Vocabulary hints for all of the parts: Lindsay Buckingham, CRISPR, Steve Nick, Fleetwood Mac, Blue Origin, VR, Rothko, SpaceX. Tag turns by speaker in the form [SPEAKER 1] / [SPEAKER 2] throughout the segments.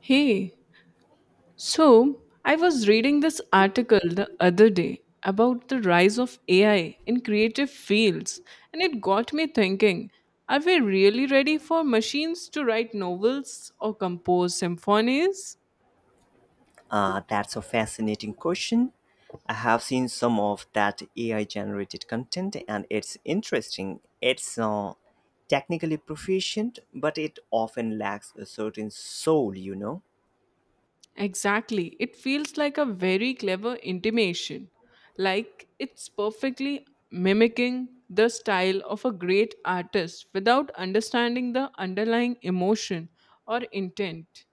[SPEAKER 1] Hey, so I was reading this article the other day about the rise of AI in creative fields, and it got me thinking, are we really ready for machines to write novels or compose symphonies?
[SPEAKER 2] That's a fascinating question. I have seen some of that AI generated content and it's interesting. It's technically proficient, but it often lacks a certain soul, you know?
[SPEAKER 1] Exactly, it feels like a very clever intimation, like it's perfectly mimicking the style of a great artist without understanding the underlying emotion or intent.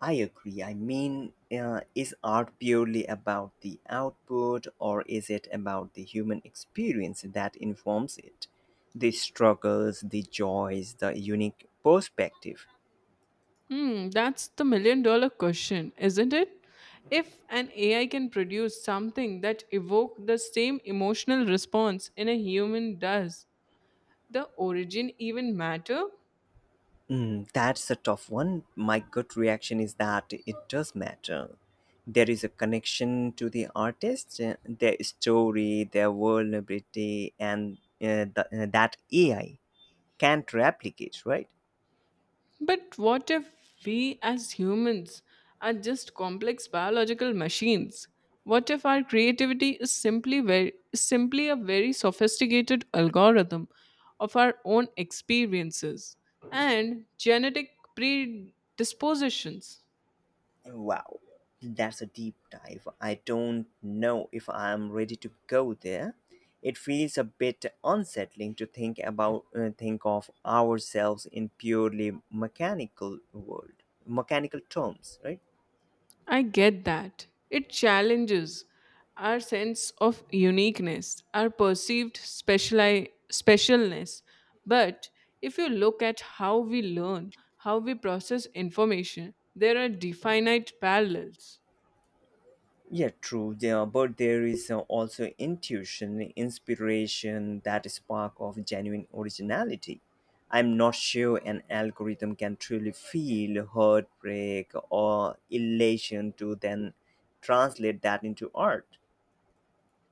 [SPEAKER 2] I agree. I mean, is art purely about the output or is it about the human experience that informs it? The struggles, the joys, the unique perspective.
[SPEAKER 1] Hmm, that's the million-dollar question, isn't it? If an AI can produce something that evoke the same emotional response in a human does, the origin even matter?
[SPEAKER 2] That's a tough one. My gut reaction is that it does matter. There is a connection to the artist, their story, their vulnerability, and that AI can't replicate, right?
[SPEAKER 1] But what if we as humans are just complex biological machines? What if our creativity is simply very simply a very sophisticated algorithm of our own experiences and genetic predispositions?
[SPEAKER 2] Wow, that's a deep dive. I don't know if I'm ready to go there. It feels a bit unsettling to think of ourselves in purely mechanical world, mechanical terms, right?
[SPEAKER 1] I get that. It challenges our sense of uniqueness, our perceived specialness. But if you look at how we learn, how we process information, there are definite parallels.
[SPEAKER 2] Yeah, true. But there is also intuition, inspiration, that spark of genuine originality. I'm not sure an algorithm can truly feel heartbreak or elation to then translate that into art.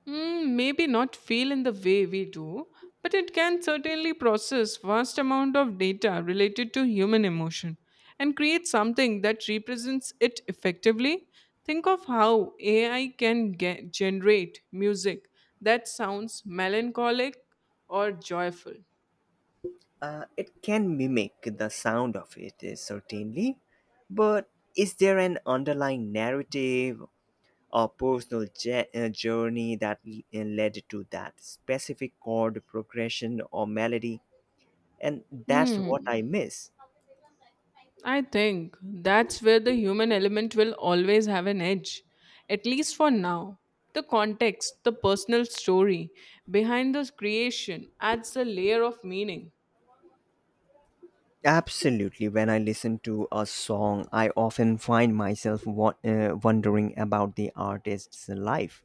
[SPEAKER 1] Mm, maybe not feel in the way we do, but it can certainly process vast amount of data related to human emotion and create something that represents it effectively. Think of how AI can generate music that sounds melancholic or joyful.
[SPEAKER 2] It can mimic the sound of it, certainly, but is there an underlying narrative a personal journey that led to that specific chord progression or melody. And that's what I miss.
[SPEAKER 1] I think that's where the human element will always have an edge, at least for now. The context, the personal story behind this creation adds a layer of meaning.
[SPEAKER 2] Absolutely. When I listen to a song, I often find myself wondering about the artist's life,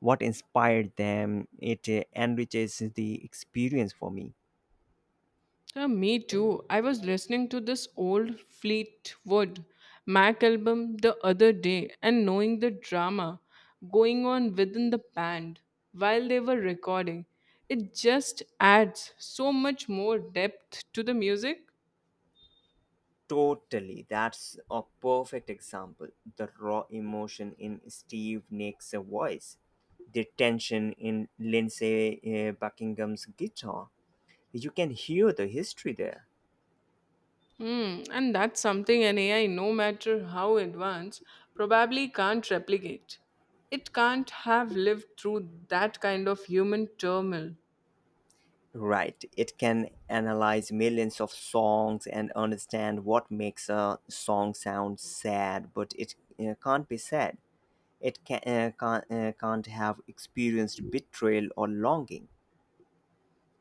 [SPEAKER 2] what inspired them. It enriches the experience for me.
[SPEAKER 1] Me too. I was listening to this old Fleetwood Mac album the other day and knowing the drama going on within the band while they were recording, it just adds so much more depth to the music.
[SPEAKER 2] Totally. That's a perfect example. The raw emotion in Steve Nick's voice, the tension in Lindsay Buckingham's guitar. You can hear the history there.
[SPEAKER 1] Hmm, and that's something an AI, no matter how advanced, probably can't replicate. It can't have lived through that kind of human turmoil.
[SPEAKER 2] Right. It can analyze millions of songs and understand what makes a song sound sad, but it can't be sad. It can't have experienced betrayal or longing.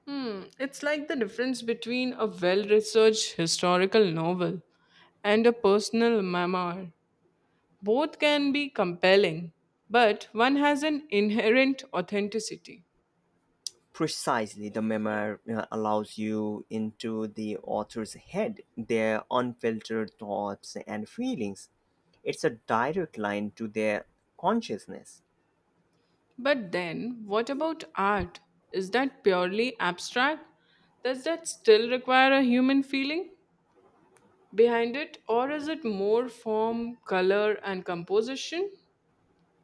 [SPEAKER 1] Hmm, it's like the difference between a well researched historical novel and a personal memoir. Both can be compelling, but one has an inherent authenticity.
[SPEAKER 2] Precisely, the memoir allows you into the author's head, their unfiltered thoughts and feelings. It's a direct line to their consciousness.
[SPEAKER 1] But then, what about art? Is that purely abstract? Does that still require a human feeling behind it, or is it more form, color, and composition?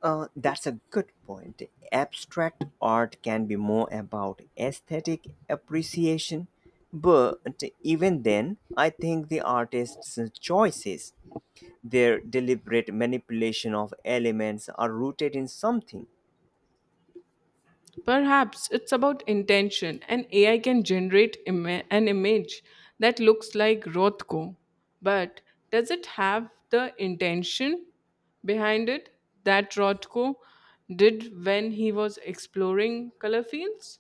[SPEAKER 2] That's a good point. Abstract art can be more about aesthetic appreciation, but even then, I think the artist's choices, their deliberate manipulation of elements, are rooted in something.
[SPEAKER 1] Perhaps it's about intention, and AI can generate an image that looks like Rothko. But does it have the intention behind it that Rothko did when he was exploring color fields?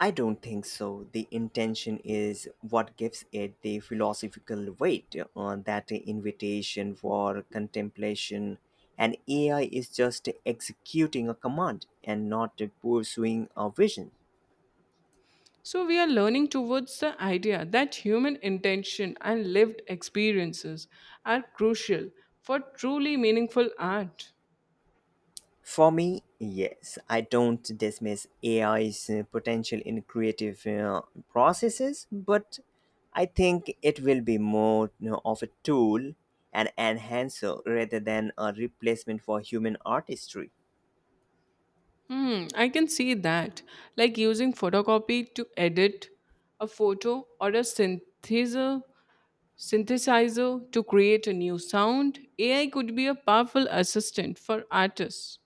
[SPEAKER 2] I don't think so. The intention is what gives it the philosophical weight on that invitation for contemplation. And AI is just executing a command and not pursuing a vision.
[SPEAKER 1] So we are learning towards the idea that human intention and lived experiences are crucial for truly meaningful art.
[SPEAKER 2] For me, yes, I don't dismiss AI's potential in creative processes, but I think it will be more of a tool, an enhancer, rather than a replacement for human artistry.
[SPEAKER 1] Hmm, I can see that. Like using photocopy to edit a photo or a synthesizer to create a new sound. AI could be a powerful assistant for artists,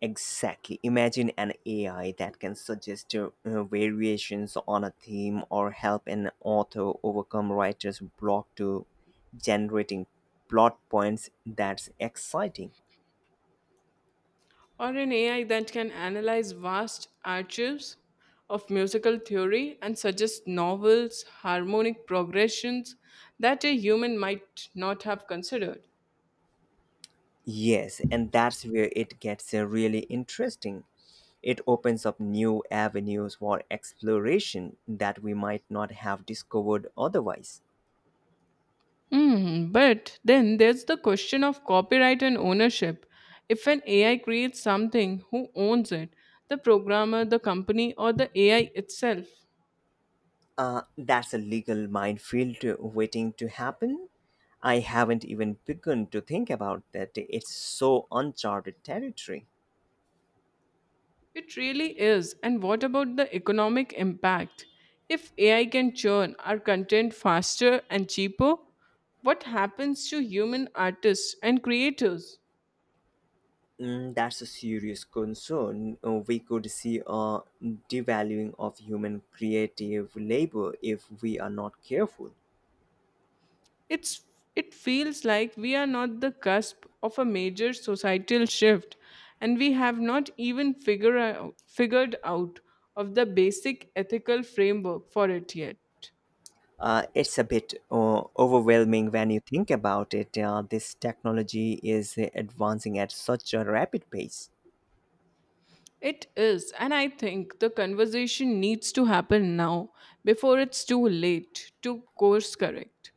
[SPEAKER 2] Exactly. Imagine an AI that can suggest variations on a theme or help an author overcome writer's block to generating plot points. That's exciting.
[SPEAKER 1] or an AI that can analyze vast archives of musical theory and suggest novels, harmonic progressions that a human might not have considered.
[SPEAKER 2] Yes, and that's where it gets really interesting. It opens up new avenues for exploration that we might not have discovered otherwise.
[SPEAKER 1] Mm, but then there's the question of copyright and ownership. If an AI creates something, who owns it? The programmer, the company, or the AI itself?
[SPEAKER 2] That's a legal minefield waiting to happen. I haven't even begun to think about that. It's so uncharted territory.
[SPEAKER 1] It really is. And what about the economic impact? If AI can churn our content faster and cheaper, what happens to human artists and creators?
[SPEAKER 2] That's a serious concern. We could see a devaluing of human creative labor if we are not careful.
[SPEAKER 1] It's it feels like we are not the cusp of a major societal shift and we have not even figured out of the basic ethical framework for it yet.
[SPEAKER 2] It's a bit overwhelming when you think about it. This technology is advancing at such a rapid pace.
[SPEAKER 1] It is, and I think the conversation needs to happen now before it's too late to course correct.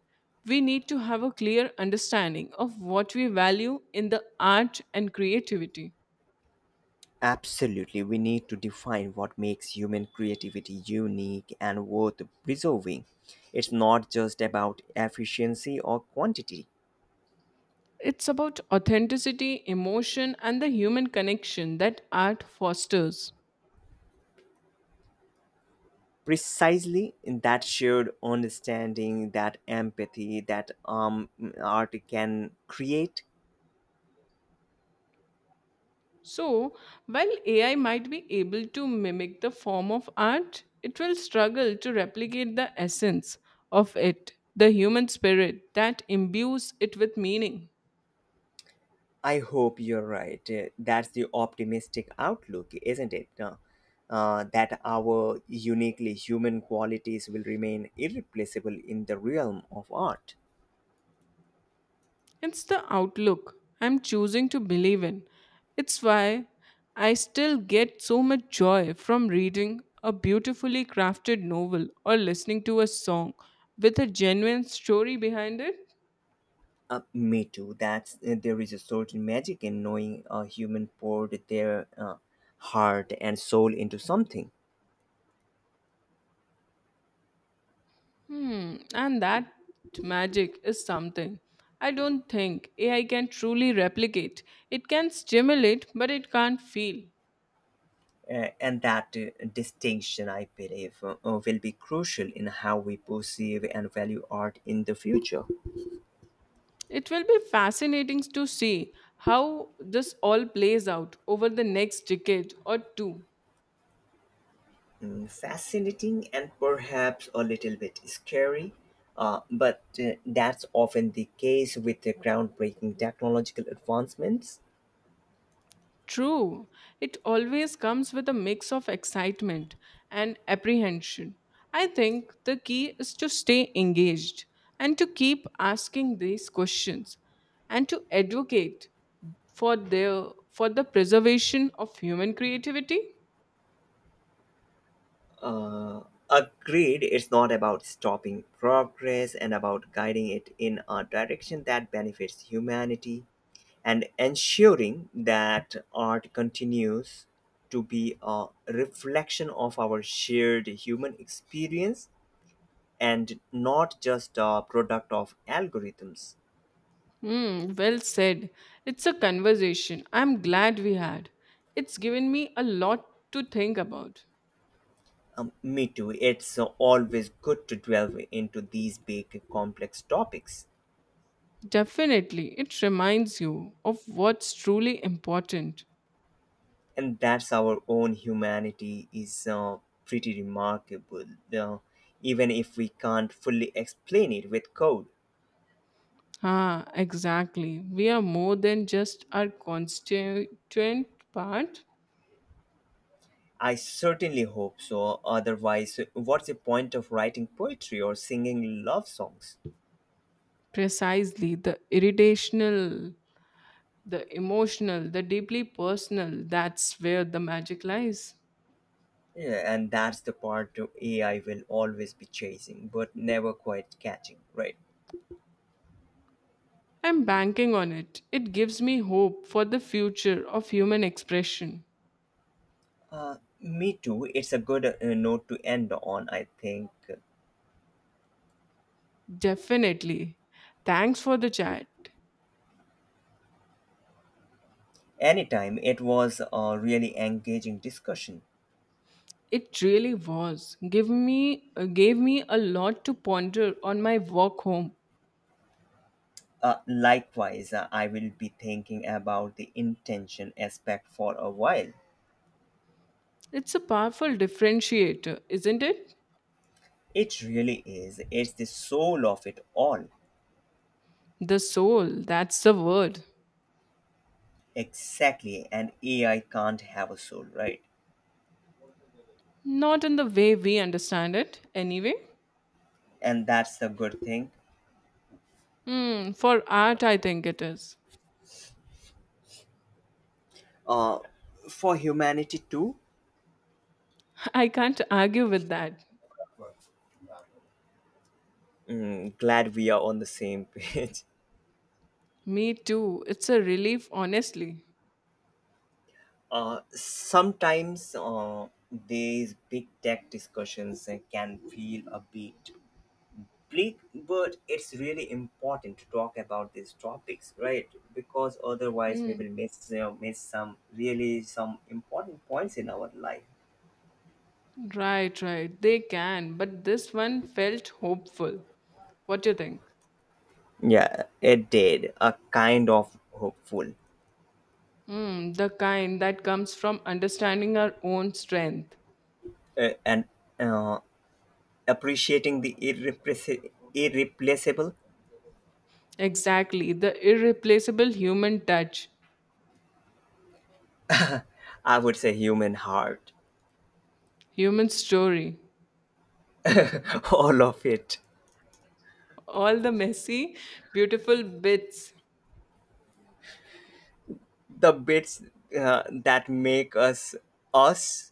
[SPEAKER 1] We need to have a clear understanding of what we value in the art and creativity.
[SPEAKER 2] Absolutely, we need to define what makes human creativity unique and worth preserving. It's not just about efficiency or quantity.
[SPEAKER 1] It's about authenticity, emotion, and the human connection that art fosters.
[SPEAKER 2] Precisely in that shared understanding, that empathy that art can create.
[SPEAKER 1] So, while AI might be able to mimic the form of art, it will struggle to replicate the essence of it, the human spirit that imbues it with meaning.
[SPEAKER 2] I hope you're right. That's the optimistic outlook, isn't it? That our uniquely human qualities will remain irreplaceable in the realm of art.
[SPEAKER 1] It's the outlook I'm choosing to believe in. It's why I still get so much joy from reading a beautifully crafted novel or listening to a song with a genuine story behind it.
[SPEAKER 2] Me too. That's There is a certain magic in knowing a human poured their heart and soul into something,
[SPEAKER 1] Hmm, and that magic is something I don't think AI can truly replicate. It can stimulate, but it can't feel.
[SPEAKER 2] and that distinction, I believe, will be crucial in how we perceive and value art in the future.
[SPEAKER 1] It will be fascinating to see how this all plays out over the next decade or two.
[SPEAKER 2] Fascinating and perhaps a little bit scary. But that's often the case with the groundbreaking technological advancements.
[SPEAKER 1] True, it always comes with a mix of excitement and apprehension. I think the key is to stay engaged and to keep asking these questions and to advocate for the preservation of human creativity.
[SPEAKER 2] Uh, Agreed, it's not about stopping progress and about guiding it in a direction that benefits humanity and ensuring that art continues to be a reflection of our shared human experience and not just a product of algorithms.
[SPEAKER 1] Hmm, well said. It's a conversation I'm glad we had. It's given me a lot to think about.
[SPEAKER 2] Me too, it's always good to delve into these big complex topics.
[SPEAKER 1] Definitely, it reminds you of what's truly important.
[SPEAKER 2] And that's our own humanity is pretty remarkable uh, even if we can't fully explain it with code.
[SPEAKER 1] Ah, exactly. We are more than just our constituent part.
[SPEAKER 2] I certainly hope so. Otherwise what's the point of writing poetry or singing love songs?
[SPEAKER 1] Precisely, the irritational, the emotional, the deeply personal, that's where the magic lies.
[SPEAKER 2] Yeah, and that's the part of AI will always be chasing but never quite catching, right?
[SPEAKER 1] I'm banking on it. It gives me hope for the future of human expression.
[SPEAKER 2] Me too, it's a good note to end on I think.
[SPEAKER 1] Definitely. Thanks for the chat.
[SPEAKER 2] Anytime, it was a really engaging discussion.
[SPEAKER 1] It really was. Give me Gave me a lot to ponder on my walk home.
[SPEAKER 2] Likewise, I will be thinking about the intention aspect for a while.
[SPEAKER 1] It's a powerful differentiator, isn't it?
[SPEAKER 2] It really is. It's the soul of it all.
[SPEAKER 1] The soul, that's the word.
[SPEAKER 2] Exactly. And AI can't have a soul, right?
[SPEAKER 1] Not in the way we understand it, anyway.
[SPEAKER 2] And that's the good thing.
[SPEAKER 1] Hmm, for art, I think it is.
[SPEAKER 2] Uh, for humanity too.
[SPEAKER 1] I can't argue with that.
[SPEAKER 2] Glad we are on the same page.
[SPEAKER 1] Me too. It's a relief, honestly.
[SPEAKER 2] Sometimes these big tech discussions can feel a bit. Please, but it's really important to talk about these topics, right? Because otherwise, we
[SPEAKER 1] Hmm.
[SPEAKER 2] will miss some really some important points in our life.
[SPEAKER 1] Right, right. They can, but this one felt hopeful. What do you think?
[SPEAKER 2] Yeah, it did. A kind of hopeful.
[SPEAKER 1] Hmm, the kind that comes from understanding our own strength.
[SPEAKER 2] Uh, and uh, appreciating the irreplaceable,
[SPEAKER 1] Exactly, the irreplaceable human touch,
[SPEAKER 2] I would say, human heart.
[SPEAKER 1] human story,
[SPEAKER 2] All of it.
[SPEAKER 1] all the messy, beautiful bits
[SPEAKER 2] The bits that make us us.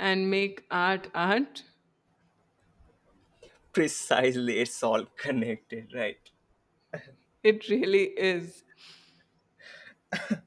[SPEAKER 1] and make art art.
[SPEAKER 2] Precisely, it's all connected, right?
[SPEAKER 1] It really is.